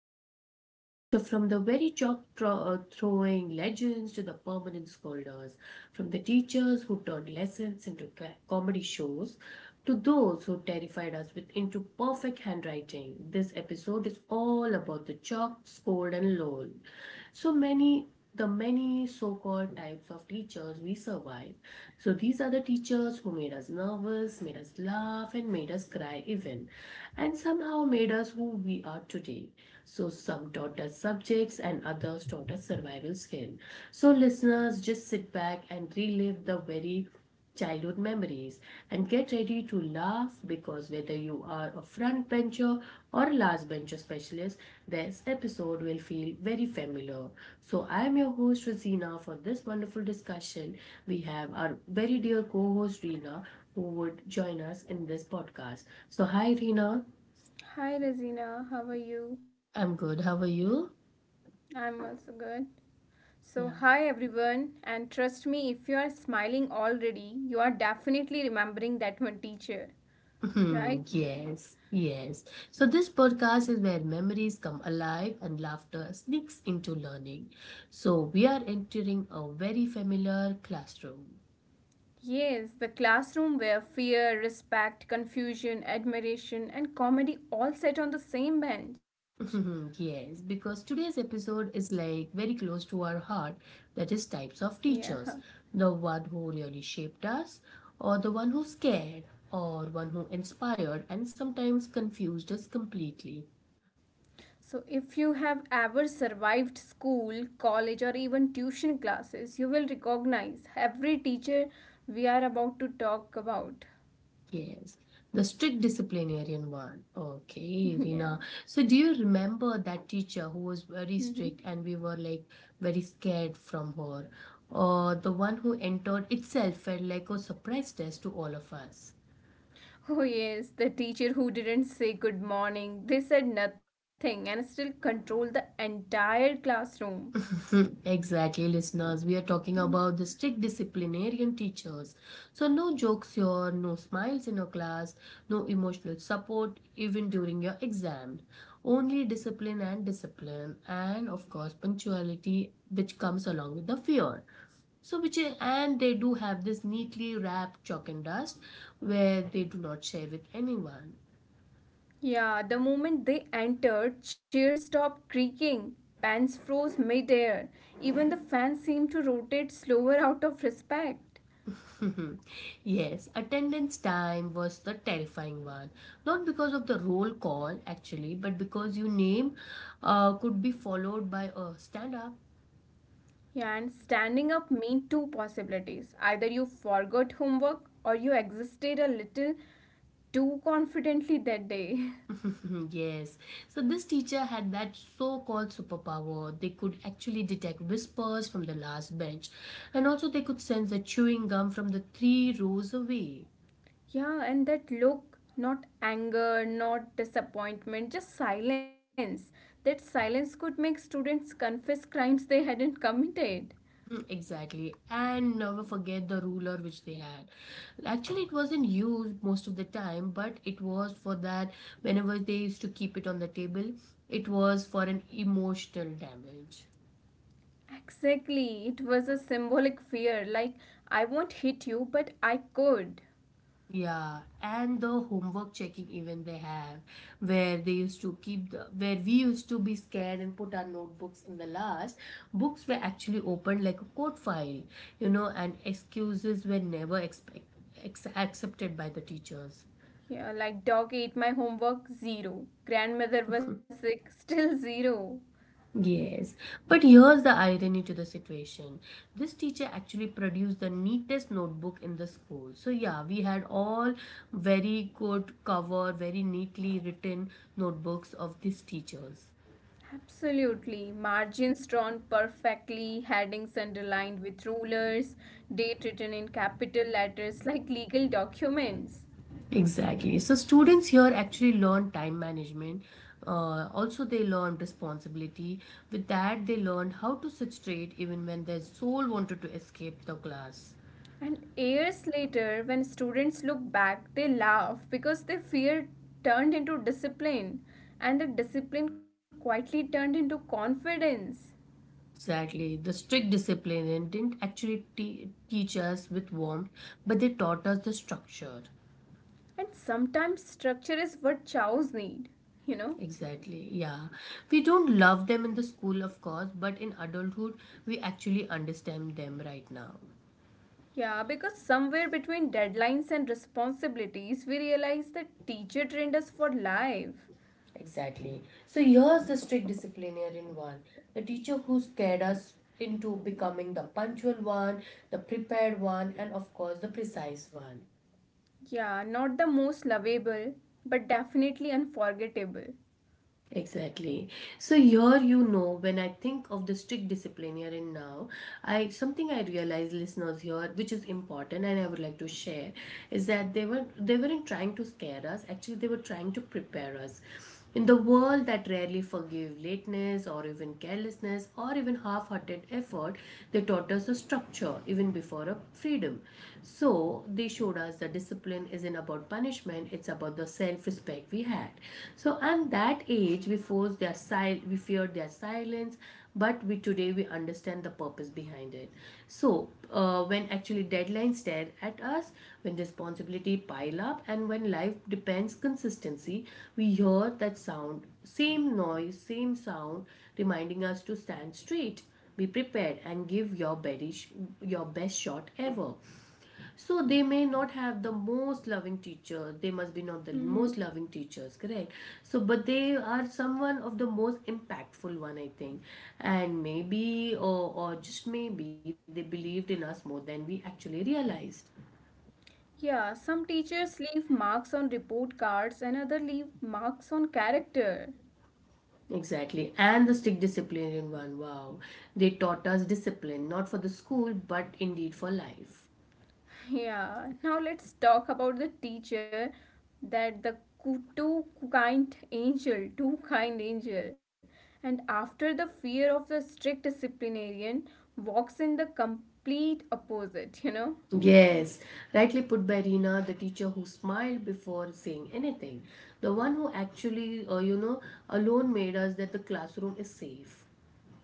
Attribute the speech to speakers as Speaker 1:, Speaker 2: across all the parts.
Speaker 1: forget. So, from the very chalk throwing legends to the permanent scolders, from the teachers who turned lessons into comedy shows to those who terrified us with into perfect handwriting, this episode is all about the chalk, scored, and loll. So many, the many so-called types of teachers we survive. So these are the teachers who made us nervous, made us laugh, and made us cry even, and somehow made us who we are today. So some taught us subjects and others taught us survival skill. So listeners, just sit back and relive the very childhood memories and get ready to laugh because whether you are a front bencher or a last bencher specialist, this episode will feel very familiar. So, I am your host Rosina for this wonderful discussion. We have our very dear co host Reena who would join us in this podcast. So, hi Reena.
Speaker 2: Hi Razina, how are you?
Speaker 1: I'm good. How are you?
Speaker 2: I'm also good. So,
Speaker 1: Yeah.
Speaker 2: hi everyone, and trust me, if you are smiling already, you are definitely remembering that one teacher,
Speaker 1: Hmm,
Speaker 2: right?
Speaker 1: yes, yes. So, this podcast is where memories come alive and laughter sneaks into learning. So, we are entering a very familiar classroom.
Speaker 2: Yes, the classroom where fear, respect, confusion, admiration, and comedy all sat on the same bench.
Speaker 1: Yes, because today's episode is like very close to our heart, that is, types of
Speaker 2: Yeah.
Speaker 1: teachers, the one who really shaped us, or the one who scared, or one who inspired and sometimes confused us completely.
Speaker 2: So if you have ever survived school, college, or even tuition classes, you will recognize every teacher we are about to talk about.
Speaker 1: Yes, the strict disciplinarian one. Okay,
Speaker 2: Yeah.
Speaker 1: Rina. So, do you remember that teacher who was very
Speaker 2: Mm-hmm.
Speaker 1: strict and we were like very scared from her? Or the one who entered itself felt like a surprise test to all of us?
Speaker 2: Oh, yes, the teacher who didn't say good morning. They said nothing and still controlled the entire classroom.
Speaker 1: Exactly, listeners. We are talking
Speaker 2: Y-
Speaker 1: about the strict disciplinarian teachers. So, no jokes here, no smiles in your class, no emotional support even during your exam. Only discipline and discipline, and of course, punctuality, which comes along with the fear. So, which is, and they do have this neatly wrapped chalk and dust where they do not share with anyone.
Speaker 2: Yeah, the moment they entered, chairs stopped creaking, pans froze midair, even the fans seemed to rotate slower out of respect.
Speaker 1: Yes, attendance time was the terrifying one. Not because of the roll call, actually, but because your name could be followed by a stand up.
Speaker 2: Yeah, and standing up meant two possibilities, either you forgot homework or you existed a little too confidently that day.
Speaker 1: Yes. So, this teacher had that so called superpower. They could actually detect whispers from the last bench, and also they could sense the chewing gum from the three rows away.
Speaker 2: Yeah, and that look, not anger, not disappointment, just silence. That silence could make students confess crimes they hadn't committed.
Speaker 1: Mm, exactly. And never forget the ruler which they had. Actually, it wasn't used most of the time, but it was for that whenever they used to keep it on the table, it was for an emotional damage.
Speaker 2: Exactly, it was a symbolic fear like, I won't hit you, but I could.
Speaker 1: Yeah, and the homework checking even they have, where they used to keep the where we used to be scared and put our notebooks in the last, books were actually opened like a code file, you know, and excuses were never expect, accepted by the teachers.
Speaker 2: Yeah, like, dog ate my homework, zero. Grandmother was sick, still zero.
Speaker 1: Yes, but here's the irony to the situation. This teacher actually produced the neatest notebook in the school. So, yeah, we had all very good cover, very neatly written notebooks of these teachers.
Speaker 2: Absolutely. Margins drawn perfectly, headings underlined with rulers, date written in capital letters like legal documents.
Speaker 1: Exactly. So, students here actually learn time management. Also, they learned responsibility. With that, they learned how to sit straight even when their soul wanted to escape the class.
Speaker 2: And years later, when students look back, they laugh because their fear turned into discipline, and the discipline quietly turned into confidence.
Speaker 1: Exactly. The strict discipline and didn't actually teach us with warmth, but they taught us the structure.
Speaker 2: And sometimes structure is what chows need, you know?
Speaker 1: Exactly. Yeah. We don't love them in the school, of course, but in adulthood, we actually understand them right now.
Speaker 2: Yeah, because somewhere between deadlines and responsibilities, we realize that teacher trained us for life.
Speaker 1: Exactly. So here's the strict disciplinarian one, the teacher who scared us into becoming the punctual one, the prepared one, and of course, the precise one.
Speaker 2: Yeah, not the most lovable, but definitely unforgettable.
Speaker 1: Exactly. So here, you know, when I think of the strict discipline here and now, I something I realize, listeners here, which is important, and I would like to share, is that they weren't trying to scare us. Actually, they were trying to prepare us. In the world that rarely forgave lateness or even carelessness or even half-hearted effort, they taught us a structure even before a freedom. So they showed us that discipline isn't about punishment attachment, it's about the self-respect we had. So at that age we forced their we feared their silence, but we today we understand the purpose behind it. So when actually deadlines stare at us, when responsibility pile up and when life depends consistency, we hear that sound, same noise, same sound, reminding us to stand straight, be prepared and give your best shot ever. So they may not have the most loving teacher. They must be not the
Speaker 2: Mm-hmm.
Speaker 1: most loving teachers, correct? So, but they are someone of the most impactful one, I think. And maybe, or just maybe, they believed in us more than we actually realized.
Speaker 2: Yeah, some teachers leave marks on report cards and other leave marks on character.
Speaker 1: Exactly. And the strict disciplinarian one, wow. They taught us discipline, not for the school, but indeed for life.
Speaker 2: Yeah, now let's talk about the teacher, that the too kind angel, too kind angel. And after the fear of the strict disciplinarian walks in the complete opposite, you know?
Speaker 1: Yes, rightly put by Reena, the teacher who smiled before saying anything, the one who actually, you know, alone made us that the classroom is safe.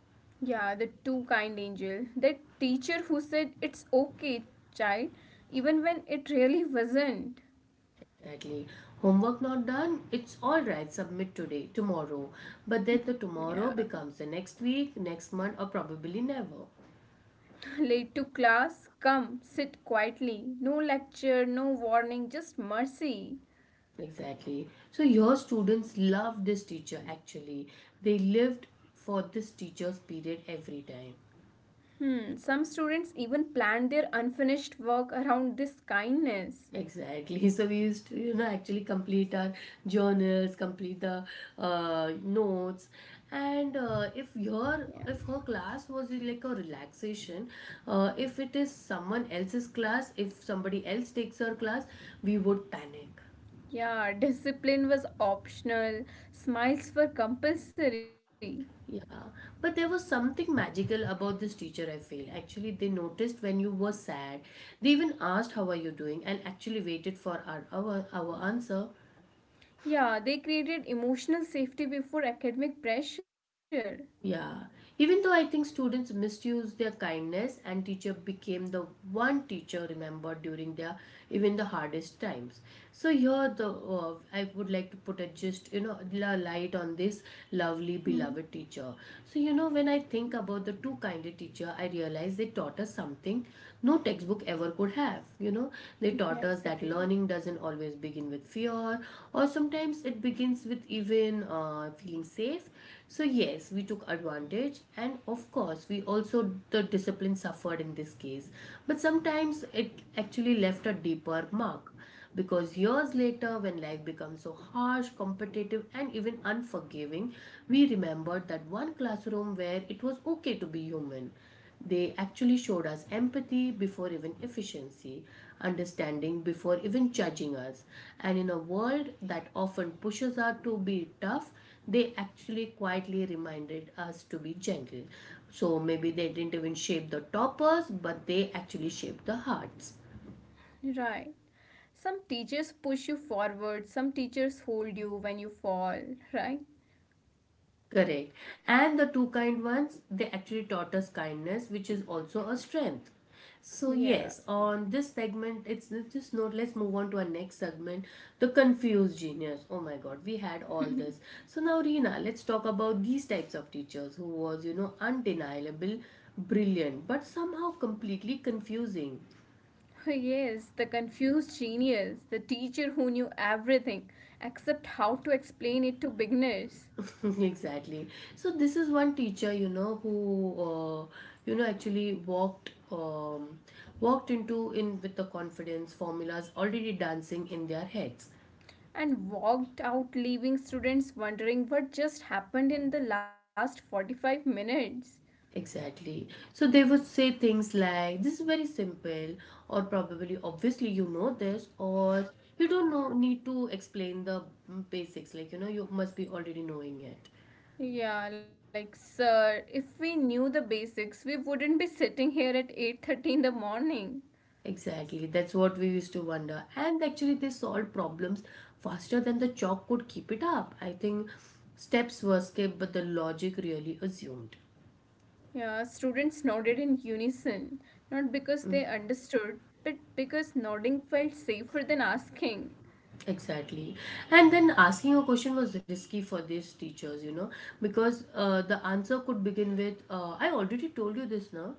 Speaker 2: Yeah, the too kind angel. That teacher who said it's okay, child, even when it really wasn't.
Speaker 1: Exactly. Homework not done, it's all right, submit today, tomorrow. But then the
Speaker 2: Yeah.
Speaker 1: tomorrow becomes the next week, next month, or probably never.
Speaker 2: Late to class, come, sit quietly. No lecture, no warning, just mercy.
Speaker 1: Exactly. So your students love this teacher actually. They lived for this teacher's period every time.
Speaker 2: Some students even planned their unfinished work around this kindness.
Speaker 1: Exactly. So we used to, you know, actually complete our journals, complete the notes, and uh, if
Speaker 2: Yeah.
Speaker 1: your if her class was like a relaxation, if it is someone else's class, if somebody else takes her class, we would panic.
Speaker 2: Yeah, discipline was optional, smiles were compulsory.
Speaker 1: Yeah, but there was something magical about this teacher, I feel. Actually, they noticed when you were sad. They even asked, "How are you doing?" and actually waited for our answer.
Speaker 2: Yeah, they created emotional safety before academic pressure.
Speaker 1: Yeah, even though I think students misused their kindness and teacher became the one teacher remembered during their even the hardest times. So here the I would like to put a just you know light on this lovely
Speaker 2: Mhm.
Speaker 1: beloved teacher. So you know when I think about the two kinder teacher, I realize they taught us something no textbook ever could have. You know they
Speaker 2: Yeah,
Speaker 1: they taught us that
Speaker 2: exactly.
Speaker 1: learning doesn't always begin with fear, or sometimes it begins with even feeling safe. So, yes, we took advantage, and of course, we also the discipline suffered in this case. But sometimes it actually left a deeper mark. Because years later, when life becomes so harsh, competitive, and even unforgiving, we remembered that one classroom where it was okay to be human. They actually showed us empathy before even efficiency, understanding before even judging us. And in a world that often pushes us to be tough, they actually quietly reminded us to be gentle. So maybe they didn't even shape the toppers, but they actually shaped the hearts.
Speaker 2: Right. Some teachers push you forward, some teachers hold you when you fall, right?
Speaker 1: Correct. And the two kind ones, they actually taught us kindness, which is also a strength. So,
Speaker 2: Yeah.
Speaker 1: yes, on this segment, it's just note. Let's move on to our next segment, the confused genius. Oh my god, we had all this. So, now, Reena, let's talk about these types of teachers who was, you know, undeniable, brilliant, but somehow completely confusing.
Speaker 2: Yes, the confused genius, the teacher who knew everything except how to explain it to beginners
Speaker 1: Exactly. So this is one teacher, you know, who you know actually walked into in with the confidence formulas already dancing in their heads.
Speaker 2: and walked out, leaving students wondering what just happened in the last 45 minutes.
Speaker 1: Exactly. So they would say things like, "This is very simple," or probably, obviously, you know this, or you don't know need to explain the basics. Like you know, you must be already knowing it.
Speaker 2: Yeah, like sir, if we knew the basics, we wouldn't be sitting here at 8:30 in the morning.
Speaker 1: Exactly, that's what we used to wonder. And actually, they solved problems faster than the chalk could keep it up. I think steps were skipped, but the logic really assumed.
Speaker 2: Yeah, students nodded in unison, not because they understood, but because nodding felt safer than asking.
Speaker 1: Exactly. And then asking a question was risky for these teachers, you know, because the answer could begin with, I already told you this now.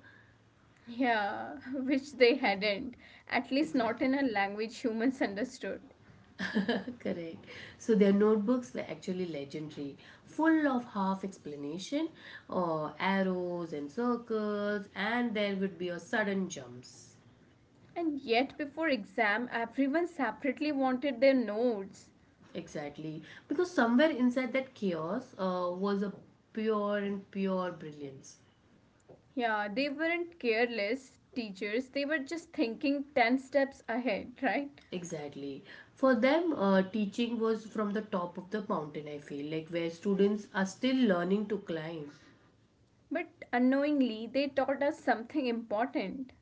Speaker 2: Yeah, which they hadn't, at least
Speaker 1: Exactly.
Speaker 2: not in a language humans understood.
Speaker 1: Correct. So their notebooks were actually legendary, full of half explanation, or arrows and circles, and there would be a sudden jumps.
Speaker 2: And yet, before exam, everyone separately wanted their notes.
Speaker 1: Exactly, because somewhere inside that chaos was a pure and pure brilliance.
Speaker 2: Yeah, they weren't careless teachers, they were just thinking 10 steps ahead, right?
Speaker 1: Exactly. For them, teaching was from the top of the mountain, I feel, like where students are still learning to climb.
Speaker 2: But unknowingly, they taught us something important.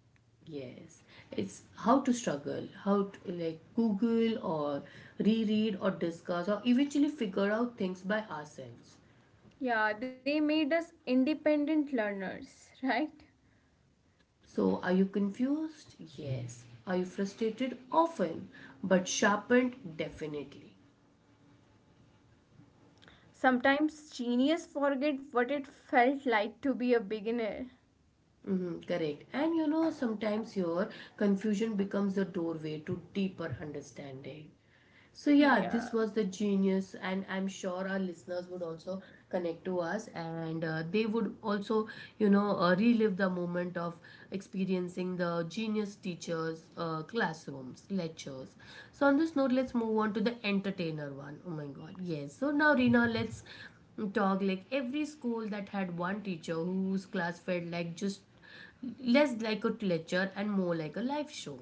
Speaker 1: Yes, it's how to struggle, how to like Google or reread or discuss or eventually figure out things by ourselves.
Speaker 2: Yeah, they made us independent learners, right?
Speaker 1: So, are you confused? Yes. Are you frustrated? Often, but sharpened? Definitely.
Speaker 2: Sometimes genius forget what it felt like to be a beginner.
Speaker 1: Mm-hmm, correct. And you know, sometimes your confusion becomes the doorway to deeper understanding. So, yeah, this
Speaker 2: Yeah.
Speaker 1: was the genius, and I'm sure our listeners would also connect to us and they would also, you know, relive the moment of experiencing the genius teachers, classrooms, lectures. So, on this note, let's move on to the entertainer one. Oh my god, yes. So, now, Rina, let's dog like every school that had one teacher whose class felt like just less like a lecture and more like a live show.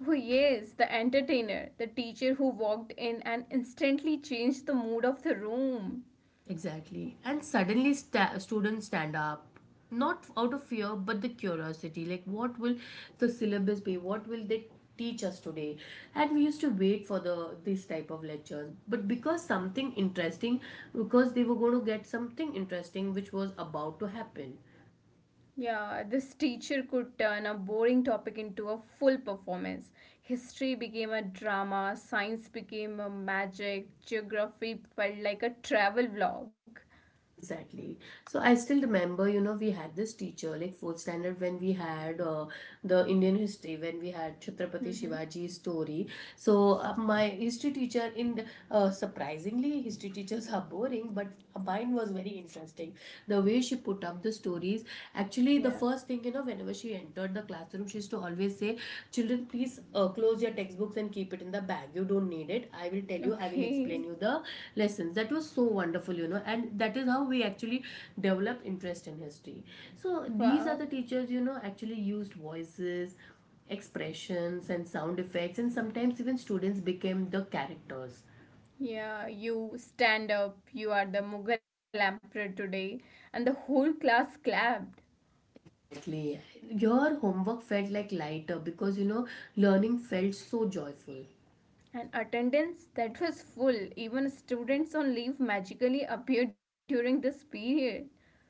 Speaker 2: Oh, yes, the entertainer, the teacher who walked in and instantly changed the mood of the room.
Speaker 1: Exactly, and suddenly students stand up, not out of fear but the curiosity, like what will the syllabus be, what will they teach us today. And we used to wait for the this type of lectures, but because something interesting, because they were going to get something interesting which was about to happen.
Speaker 2: Yeah, this teacher could turn a boring topic into a full performance. History became a drama, science became a magic, geography felt like a travel vlog.
Speaker 1: Exactly. So I still remember, you know, we had this teacher, like fourth standard, when we had the Indian history, when we had Chhatrapati
Speaker 2: Mm-hmm.
Speaker 1: Shivaji's story. So my history teacher, in surprisingly, history teachers are boring, but mine was very interesting. The way she put up the stories, actually,
Speaker 2: Yeah.
Speaker 1: the first thing, you know, whenever she entered the classroom, she used to always say, children please close your textbooks and keep it in the bag, you don't need it, I will tell you, I will explain you
Speaker 2: Okay.
Speaker 1: the lessons. That was so wonderful, you know, and that is how we actually develop interest in history. So these
Speaker 2: Wow.
Speaker 1: are the teachers, you know, actually used voices, expressions and sound effects, and sometimes even students became the characters.
Speaker 2: Yeah, you stand up, you are the Mughal emperor today, and the whole class clapped.
Speaker 1: Exactly. Your homework felt like lighter because, you know, learning felt so joyful.
Speaker 2: An attendance that was full. Even students on leave magically appeared during this period.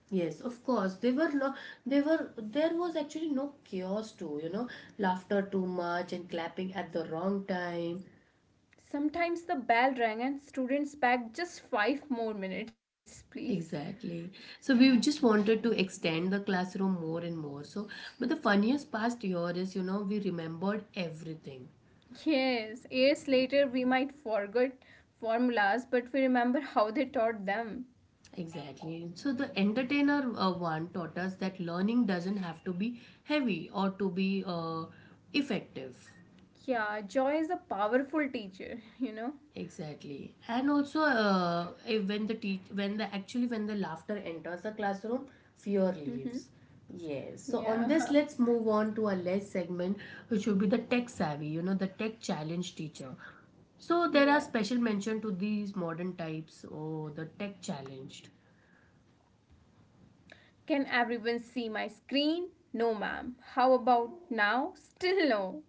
Speaker 1: Yes, of course. They were no, they were, there was actually no chaos too, you know, laughter too much and clapping at the wrong time.
Speaker 2: Sometimes the bell rang and students begged just five more minutes, please.
Speaker 1: Exactly. So we just wanted to extend the classroom more and more. So, but the funniest past year is, you know, we remembered everything.
Speaker 2: Yes, years later we might forget formulas, but we remember how they taught them.
Speaker 1: Exactly. So the entertainer one taught us that learning doesn't have to be heavy or to be effective.
Speaker 2: Yeah, joy is a powerful teacher, you know?
Speaker 1: Exactly, and also when the teach when the actually when the laughter enters the classroom, fear
Speaker 2: Mm-hmm.
Speaker 1: leaves. Yes. So on this,
Speaker 2: Yeah,
Speaker 1: let's move on to our last segment, which would be the tech savvy. You know, the tech challenge teacher. So there are
Speaker 2: yeah.
Speaker 1: special mention to these modern types, or the tech challenged.
Speaker 2: Can everyone see my screen? No, ma'am. How about now? Still no.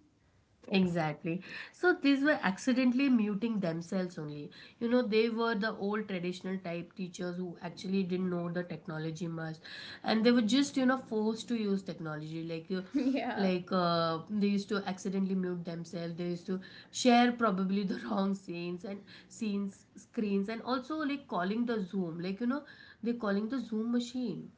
Speaker 1: Exactly. So these were accidentally muting themselves only. You know, they were the old traditional type teachers who actually didn't know the technology much, and they were just, you know, forced to use technology. Like you,
Speaker 2: Yeah.
Speaker 1: like they used to accidentally mute themselves. They used to share probably the wrong scenes and scenes screens, and also like calling the Zoom. Like, you know, they're calling the Zoom machine.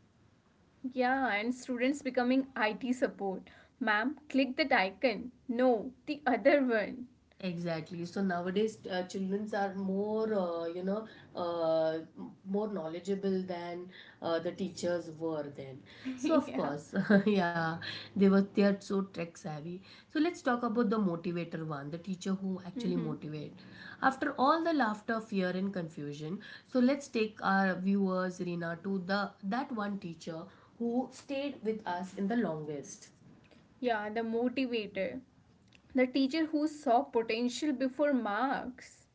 Speaker 2: Yeah, and students becoming IT support. Ma'am, click that icon. No, the other one.
Speaker 1: Exactly. So nowadays, childrens are more, you know, more knowledgeable than the teachers were then. So
Speaker 2: Yeah.
Speaker 1: of course, yeah, they are so tech savvy. So let's talk about the motivator one, the teacher who actually
Speaker 2: Mm-hmm.
Speaker 1: motivate. After all the laughter, fear, and confusion, so let's take our viewers, Rina, to the that one teacher who stayed with us in the longest.
Speaker 2: Yeah, the motivator. The teacher who saw potential before marks.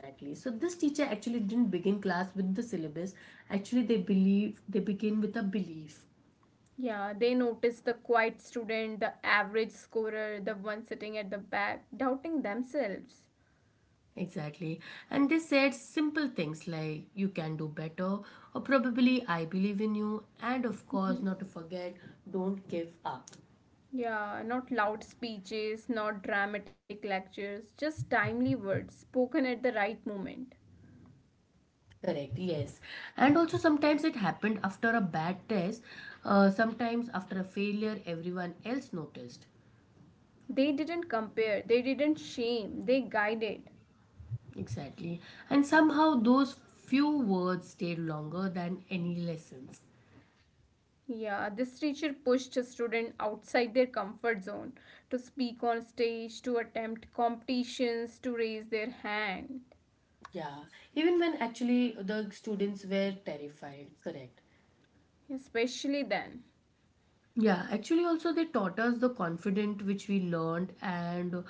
Speaker 1: Exactly. So this teacher actually didn't begin class with the syllabus. Actually, they begin with a belief.
Speaker 2: Yeah, they notice the quiet student, the average scorer, the one sitting at the back, doubting themselves.
Speaker 1: Exactly. And they said simple things like you can do better, or probably I believe in you, and of course not to forget, don't give up.
Speaker 2: Yeah, not loud speeches, not dramatic lectures, just timely words spoken at the right moment.
Speaker 1: Correct. Yes. And also sometimes it happened after a bad test. Sometimes after a failure everyone else noticed.
Speaker 2: They didn't compare, they didn't shame, they guided.
Speaker 1: Exactly. And somehow those few words stayed longer than any lessons.
Speaker 2: Yeah, this teacher pushed a student outside their comfort zone to speak on stage, to attempt competitions, to raise their hand.
Speaker 1: Yeah, even when actually the students were terrified, correct?
Speaker 2: Especially then.
Speaker 1: Yeah, actually, also they taught us the confident which we learned, and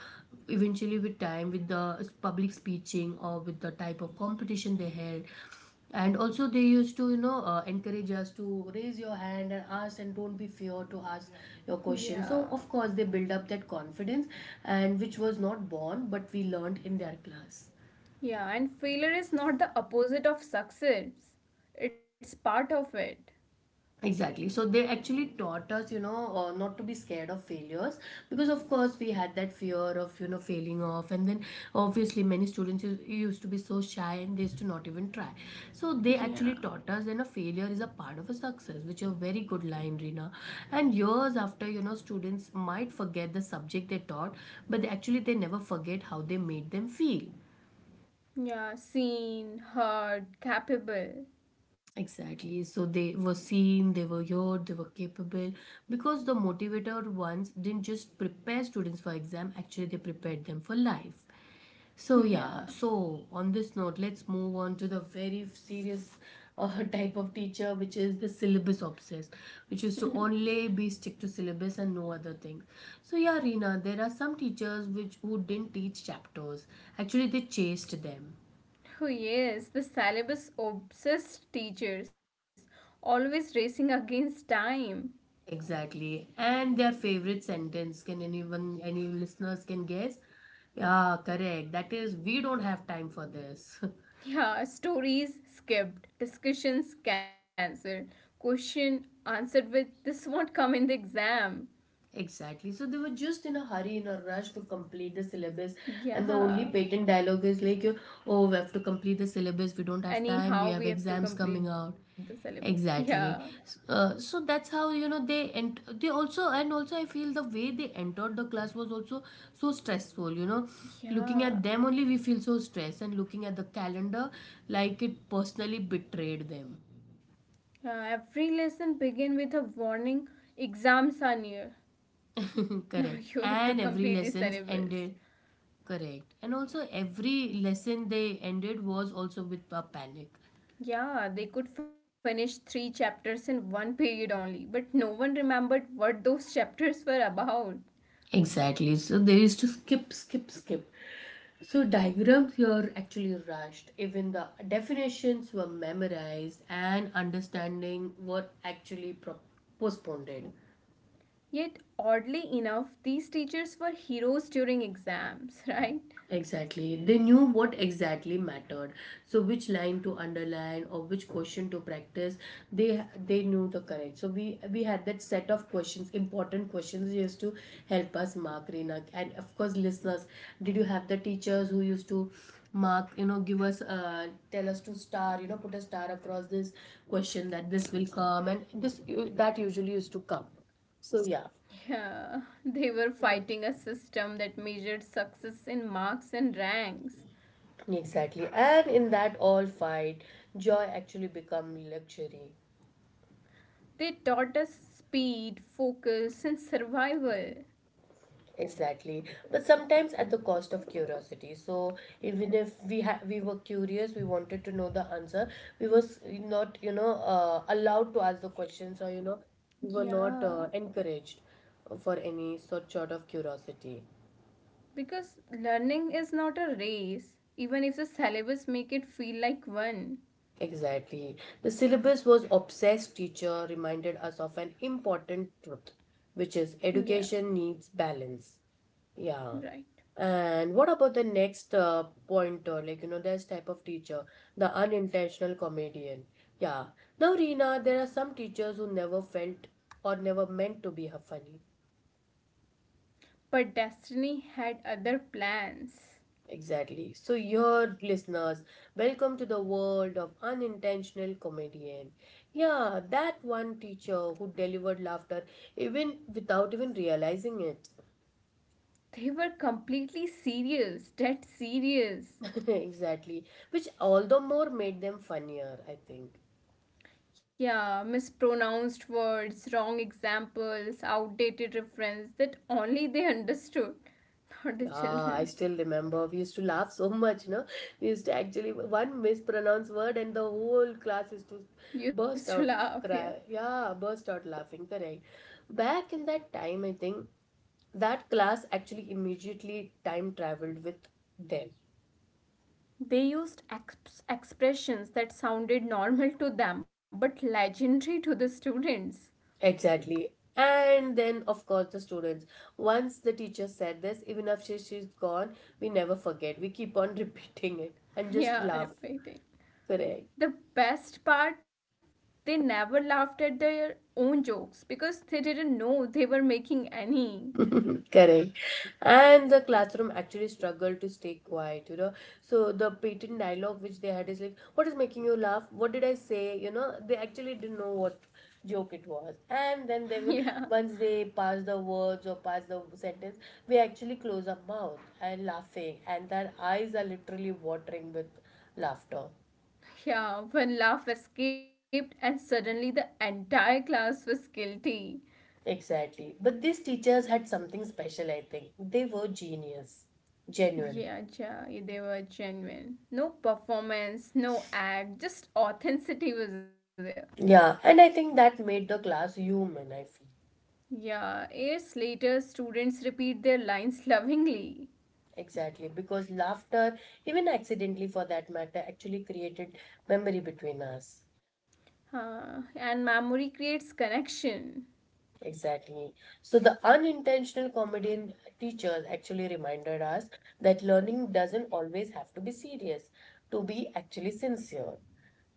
Speaker 1: eventually, with time, with the public speaking or with the type of competition they held, and also they used to, you know, encourage us to raise your hand and ask, and don't be fear to ask your question. So,
Speaker 2: Yeah.
Speaker 1: of course, they build up that confidence, and which was not born, but we learned in their class.
Speaker 2: Yeah, and failure is not the opposite of success, it's part of it.
Speaker 1: Exactly. So they actually taught us, you know, not to be scared of failures, because, of course, we had that fear of, you know, failing off. And then, obviously, many students used to be so shy and they used to not even try. So they actually
Speaker 2: Yeah.
Speaker 1: taught us, you know, failure is a part of a success, which is a very good line, Rina. And years after, you know, students might forget the subject they taught, but they never forget how they made them feel.
Speaker 2: Yeah, seen, heard, capable.
Speaker 1: Exactly. So they were seen, they were heard, they were capable, because the motivator ones didn't just prepare students for exam, actually they prepared them for life. So
Speaker 2: Yeah.
Speaker 1: yeah, so on this note, let's move on to the very serious type of teacher which is the syllabus obsessed, which is to only be stick to syllabus and no other things. So yeah, Reena, there are some teachers which who didn't teach chapters. Actually, they chased them.
Speaker 2: Oh, yes, the syllabus obsessed teachers, always racing against time.
Speaker 1: Exactly. And their favorite sentence, can anyone, any listeners can guess? Yeah, correct. That is, we don't have time for this.
Speaker 2: Yeah, stories skipped, discussions cancelled, question answered with this won't come in the exam.
Speaker 1: Exactly. So they were just in a hurry, in a rush to complete the syllabus, and the only patent
Speaker 2: Yeah,
Speaker 1: dialogue is like, "Oh, we have to complete the syllabus. We don't have time. We have
Speaker 2: anyhow, we
Speaker 1: exams
Speaker 2: have to
Speaker 1: coming
Speaker 2: complete
Speaker 1: out."
Speaker 2: the syllabus.
Speaker 1: Exactly.
Speaker 2: Yeah,
Speaker 1: So that's how you know they, and also I feel the way they entered the class was also so stressful. You know, looking at them
Speaker 2: yeah,
Speaker 1: only we feel so stressed, and looking at the calendar, like it personally betrayed them.
Speaker 2: yeah. Every lesson begin with a warning, exams are near.
Speaker 1: Correct,
Speaker 2: Now you
Speaker 1: and
Speaker 2: have to
Speaker 1: every
Speaker 2: complete the
Speaker 1: lessons ended
Speaker 2: syllabus.
Speaker 1: correct, and also every lesson they ended was also with a panic.
Speaker 2: Yeah, they could finish three chapters in one period only, but no one remembered what those chapters were about.
Speaker 1: Exactly. So they used to skip skip. So diagrams here actually rushed, even the definitions were memorized and understanding were actually postponed.
Speaker 2: Yet, oddly enough, these teachers were heroes during exams, right?
Speaker 1: Exactly. They knew what exactly mattered. So which line to underline or which question to practice, they knew the correct. So we had that set of questions, important questions used to help us mark Reena. And of course listeners, did you have the teachers who used to mark, you know, give us tell us to star, you know, put a star across this question, that this will come and this that usually used to come. So yeah.
Speaker 2: Yeah, they were fighting a system that measured success in marks and ranks.
Speaker 1: Exactly. And in that all fight, joy actually become luxury.
Speaker 2: They taught us speed, focus, and survival.
Speaker 1: Exactly. But sometimes at the cost of curiosity. So even if we we were curious, we wanted to know the answer, we was not, you know, allowed to ask the questions or, you know, we were not
Speaker 2: Yeah,
Speaker 1: encouraged for any such sort of curiosity.
Speaker 2: because learning is not a race, even if the syllabus make it feel like one.
Speaker 1: Exactly. The syllabus was obsessed teacher reminded us of an important truth, which is
Speaker 2: Yeah.
Speaker 1: education needs balance. Yeah.
Speaker 2: Right.
Speaker 1: And what about the next pointer? Like, you know, there's type of teacher, the unintentional comedian. Yeah. Now, Reena, there are some teachers who never felt or never meant to be funny.
Speaker 2: But Destiny had other plans.
Speaker 1: Exactly. So, your listeners, welcome to the world of unintentional comedian. Yeah, that one teacher who delivered laughter even without even realizing it.
Speaker 2: They were completely serious, dead serious.
Speaker 1: Exactly. Which all the more made them funnier, I think.
Speaker 2: Yeah, mispronounced words, wrong examples, outdated reference that only they understood, not
Speaker 1: Yeah,
Speaker 2: the
Speaker 1: I
Speaker 2: children.
Speaker 1: still remember. We used to laugh so much, no? We used to actually one mispronounced word and the whole class used to burst
Speaker 2: Used to
Speaker 1: out
Speaker 2: laugh, yeah.
Speaker 1: cry. Yeah, burst out laughing, correct. Back in that time, I think that class actually immediately time traveled with them.
Speaker 2: They used expressions that sounded normal to them but legendary to the students.
Speaker 1: Exactly. And then, of course, the students. Once the teacher said this, even after she's gone, we never forget. We keep on repeating it and just
Speaker 2: Yeah,
Speaker 1: laugh.
Speaker 2: repeating.
Speaker 1: Correct.
Speaker 2: The best part, they never laughed at their own jokes because they didn't know they were making any.
Speaker 1: Correct. And the classroom actually struggled to stay quiet, you know. So the patent dialogue which they had is like, what is making you laugh? What did I say? You know, they actually didn't know what joke it was. And then they will,
Speaker 2: Yeah.
Speaker 1: once they pass the words or pass the sentence, we actually close our mouth and laughing, and their eyes are literally watering with laughter.
Speaker 2: Yeah, one laugh escaped and suddenly the entire class was guilty.
Speaker 1: Exactly. But these teachers had something special, I think. They were genius, genuine.
Speaker 2: Yeah, yeah, they were genuine. No performance, no act, just authenticity was there.
Speaker 1: Yeah, and I think that made the class human, I feel.
Speaker 2: Yeah, years later, students repeat their lines lovingly.
Speaker 1: Exactly, because laughter, even accidentally for that matter, actually created memory between us.
Speaker 2: Huh, and memory creates connection.
Speaker 1: Exactly. So the unintentional comedy in teachers actually reminded us that learning doesn't always have to be serious to be actually sincere.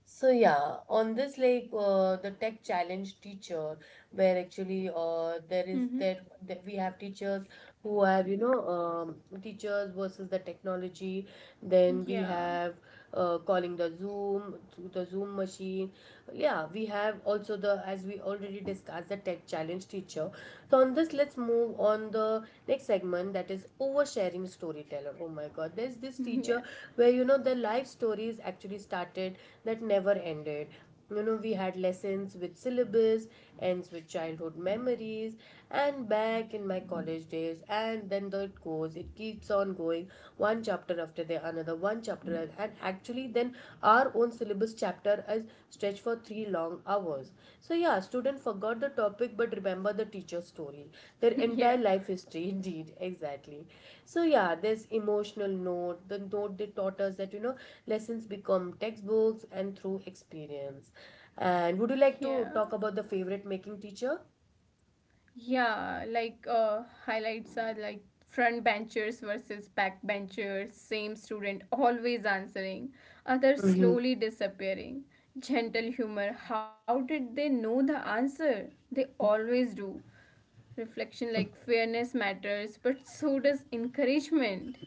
Speaker 1: So yeah, on this like the tech challenge teacher, where actually there is
Speaker 2: Mm-hmm.
Speaker 1: that we have teachers who have, you know, teachers versus the technology. Then we have
Speaker 2: Yeah,
Speaker 1: calling the Zoom through the Zoom machine. Yeah, we have also the, as we already discussed, the tech challenge teacher, so on this, let's move on the next segment, that is oversharing storyteller. Oh my God, there's this teacher
Speaker 2: yeah.
Speaker 1: where you know the life stories actually started that never ended. You know, we had lessons with syllabus, ends with childhood memories, and back in my college days, and then it goes, it keeps on going, one chapter after the another, one chapter, and actually, then our own syllabus chapter is stretched for three long hours. So yeah, student forgot the topic but remember the teacher's story, their
Speaker 2: Yeah,
Speaker 1: entire life history indeed, exactly. So yeah, this emotional note, the note they taught us that you know lessons become textbooks and through experience. And would you
Speaker 2: yeah,
Speaker 1: like to talk about the favorite making teacher?
Speaker 2: yeah. Like, highlights are like front benchers versus back benchers, same student always answering, others slowly disappearing. Gentle humor, how did they know the answer? They always do. Reflection like fairness matters, but so does encouragement.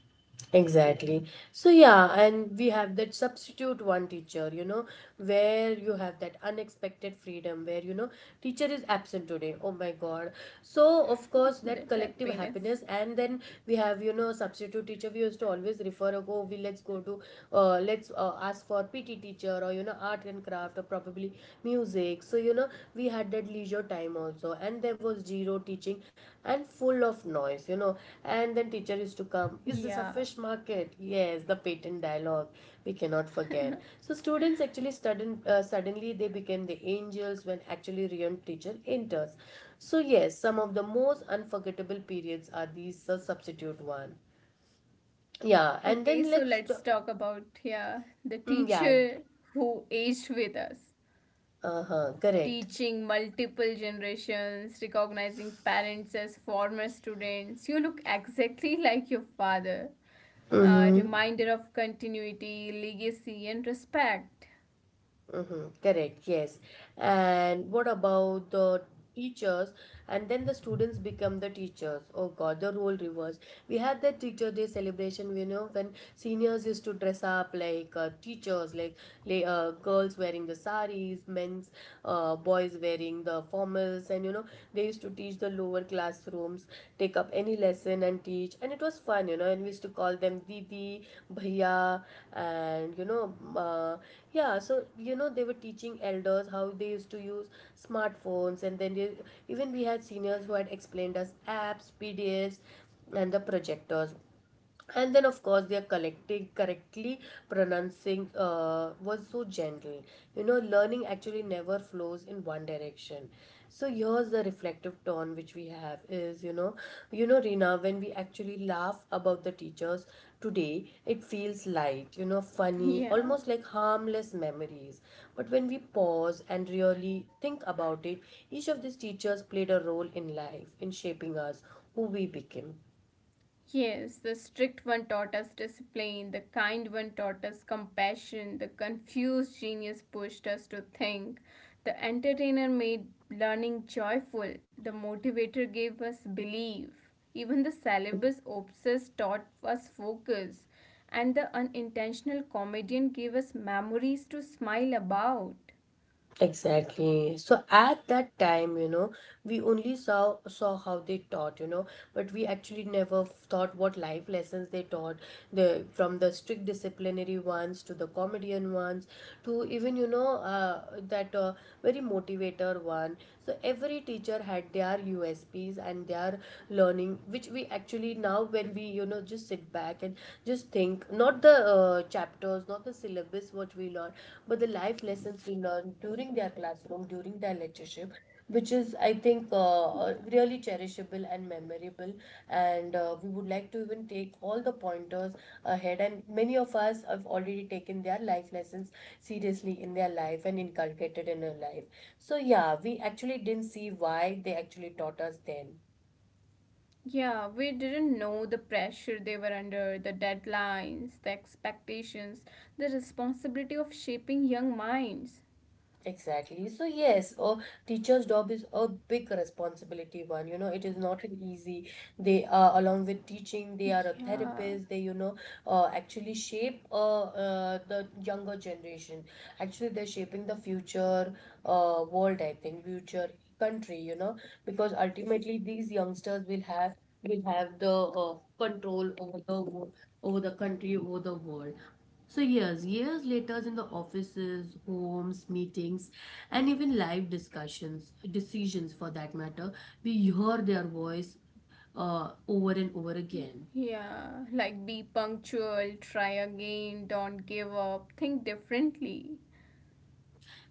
Speaker 1: Exactly. So, yeah, and we have that substitute one teacher, you know, where you have that unexpected freedom, where, you know, teacher is absent today. Oh my God. So, of course,
Speaker 2: That
Speaker 1: that collective
Speaker 2: happiness.
Speaker 1: happiness. And then we have, you know, substitute teacher. We used to always refer, oh, we let's go to, let's ask for PT teacher or, you know, art and craft or probably music. So, you know, we had that leisure time also. And there was zero teaching and full of noise, you know. And then teacher used to come,
Speaker 2: Yeah.
Speaker 1: is this a fish market? Yes, the patent dialogue we cannot forget. So students actually suddenly they became the angels when actually real teacher enters. So yes, some of the most unforgettable periods are these substitute one. Yeah, and
Speaker 2: Okay,
Speaker 1: then
Speaker 2: so let's talk about, yeah, the
Speaker 1: mm, yeah,
Speaker 2: teacher who aged with us,
Speaker 1: uh-huh, correct.
Speaker 2: teaching multiple generations, recognizing parents as former students. You look exactly like your father. A
Speaker 1: Mm-hmm.
Speaker 2: reminder of continuity, legacy, and respect.
Speaker 1: Mm-hmm, correct, yes. And what about the teachers? And then the students become the teachers. Oh God, the role reverse. We had that teacher day celebration, you know, when seniors used to dress up like teachers, like girls wearing the saris, men's, boys wearing the formals, and you know, they used to teach the lower classrooms, take up any lesson and teach, and it was fun, you know, and we used to call them didi, bhaiya, and you know, uh, yeah, so you know they were teaching elders how they used to use smartphones, and then they, even we had seniors who had explained us apps, pdfs, and the projectors, and then of course their collecting, correctly pronouncing was so gentle. You know, learning actually never flows in one direction. So here's the reflective tone which we have is, you know, you know Rina, when we actually laugh about the teachers today it feels light, you know, funny,
Speaker 2: Yeah.
Speaker 1: almost like harmless memories, but when we pause and really think about it, each of these teachers played a role in life in shaping us, who we became.
Speaker 2: Yes, the strict one taught us discipline, the kind one taught us compassion, the confused genius pushed us to think, the entertainer made learning joyful, the motivator gave us belief, even the syllabus obsessed taught us focus, and the unintentional comedian gave us memories to smile about.
Speaker 1: Exactly. So at that time, you know, we only saw how they taught, you know, but we actually never thought what life lessons they taught. The From the strict disciplinary ones to the comedian ones, to even you know that very motivator one, so every teacher had their usps and their learning, which we actually now when we, you know, just sit back and just think, not the chapters, not the syllabus what we learn, but the life lessons we learn during their classroom, during their lectureship, which is I think
Speaker 2: Yeah.
Speaker 1: really cherishable and memorable. And we would like to even take all the pointers ahead, and many of us have already taken their life lessons seriously in their life and inculcated in our life. So yeah, we actually didn't see why they actually taught us then.
Speaker 2: Yeah, we didn't know the pressure they were under, the deadlines, the expectations, the responsibility of shaping young minds.
Speaker 1: Exactly. So yes, a teacher's job is a big responsibility one. You know, it is not an easy. They are, along with teaching, they are a
Speaker 2: Yeah,
Speaker 1: therapist. They, you know, actually shape the younger generation. Actually, they're shaping the future world. I think future country. You know, because ultimately these youngsters will have, will have the control over over the country, over the world. So, years, years later, in the offices, homes, meetings, and even live discussions, decisions for that matter, we hear their voice over and over again.
Speaker 2: yeah, like be punctual, try again, don't give up, think differently.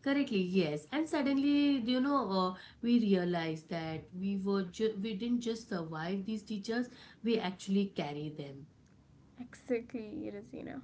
Speaker 1: Correctly, yes. And suddenly, you know, we realize that we didn't just survive these teachers; we actually carry them.
Speaker 2: Exactly, Razina.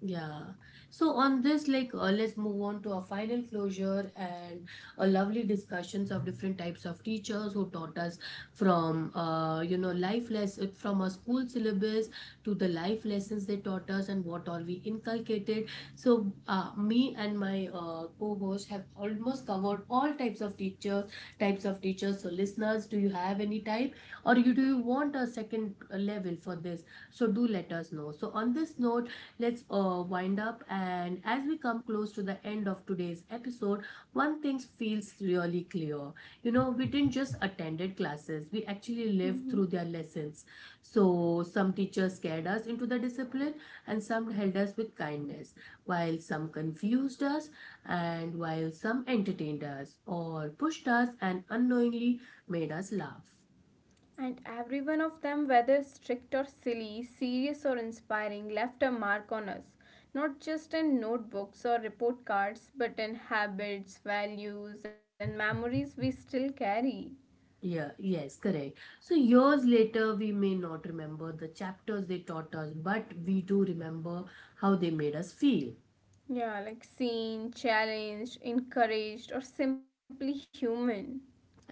Speaker 1: Yeah. So on this, like, let's move on to our final closure and a lovely discussions of different types of teachers who taught us, from, you know, life lessons from our school syllabus to the life lessons they taught us and what all we inculcated. So, me and my co-host have almost covered all types of teachers. So, listeners, do you have any type, or you do you want a second level for this? So, do let us know. So, on this note, let's wind up. And as we come close to the end of today's episode, one thing feels really clear. You know, we didn't just attended classes, we actually lived
Speaker 2: Mm-hmm.
Speaker 1: through their lessons. So, some teachers scared us into the discipline, and some held us with kindness, while some confused us, and while some entertained us, or pushed us and unknowingly made us laugh.
Speaker 2: And every one of them, whether strict or silly, serious or inspiring, left a mark on us, not just in notebooks or report cards, but in habits, values, and memories we still carry.
Speaker 1: Yeah, yes, correct. So years later, we may not remember the chapters they taught us, but we do remember how they made us feel.
Speaker 2: Yeah, like seen, challenged, encouraged, or simply human.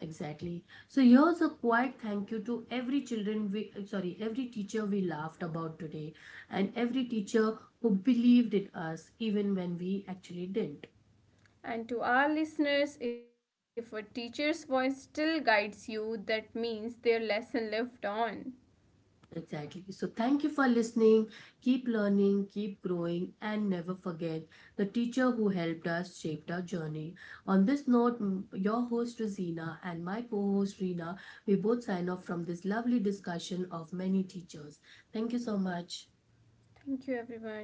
Speaker 1: Exactly. So here's a quiet thank you to every teacher we laughed about today, and every teacher who believed in us even when we actually didn't.
Speaker 2: And to our listeners, if a teacher's voice still guides you, that means their lesson lived on.
Speaker 1: Exactly. So, thank you for listening. Keep learning, keep growing, and never forget the teacher who helped us shaped our journey. On this note, your host Rosina and my co host Rina, we both sign off from this lovely discussion of many teachers. Thank you so much.
Speaker 2: Thank you, everyone.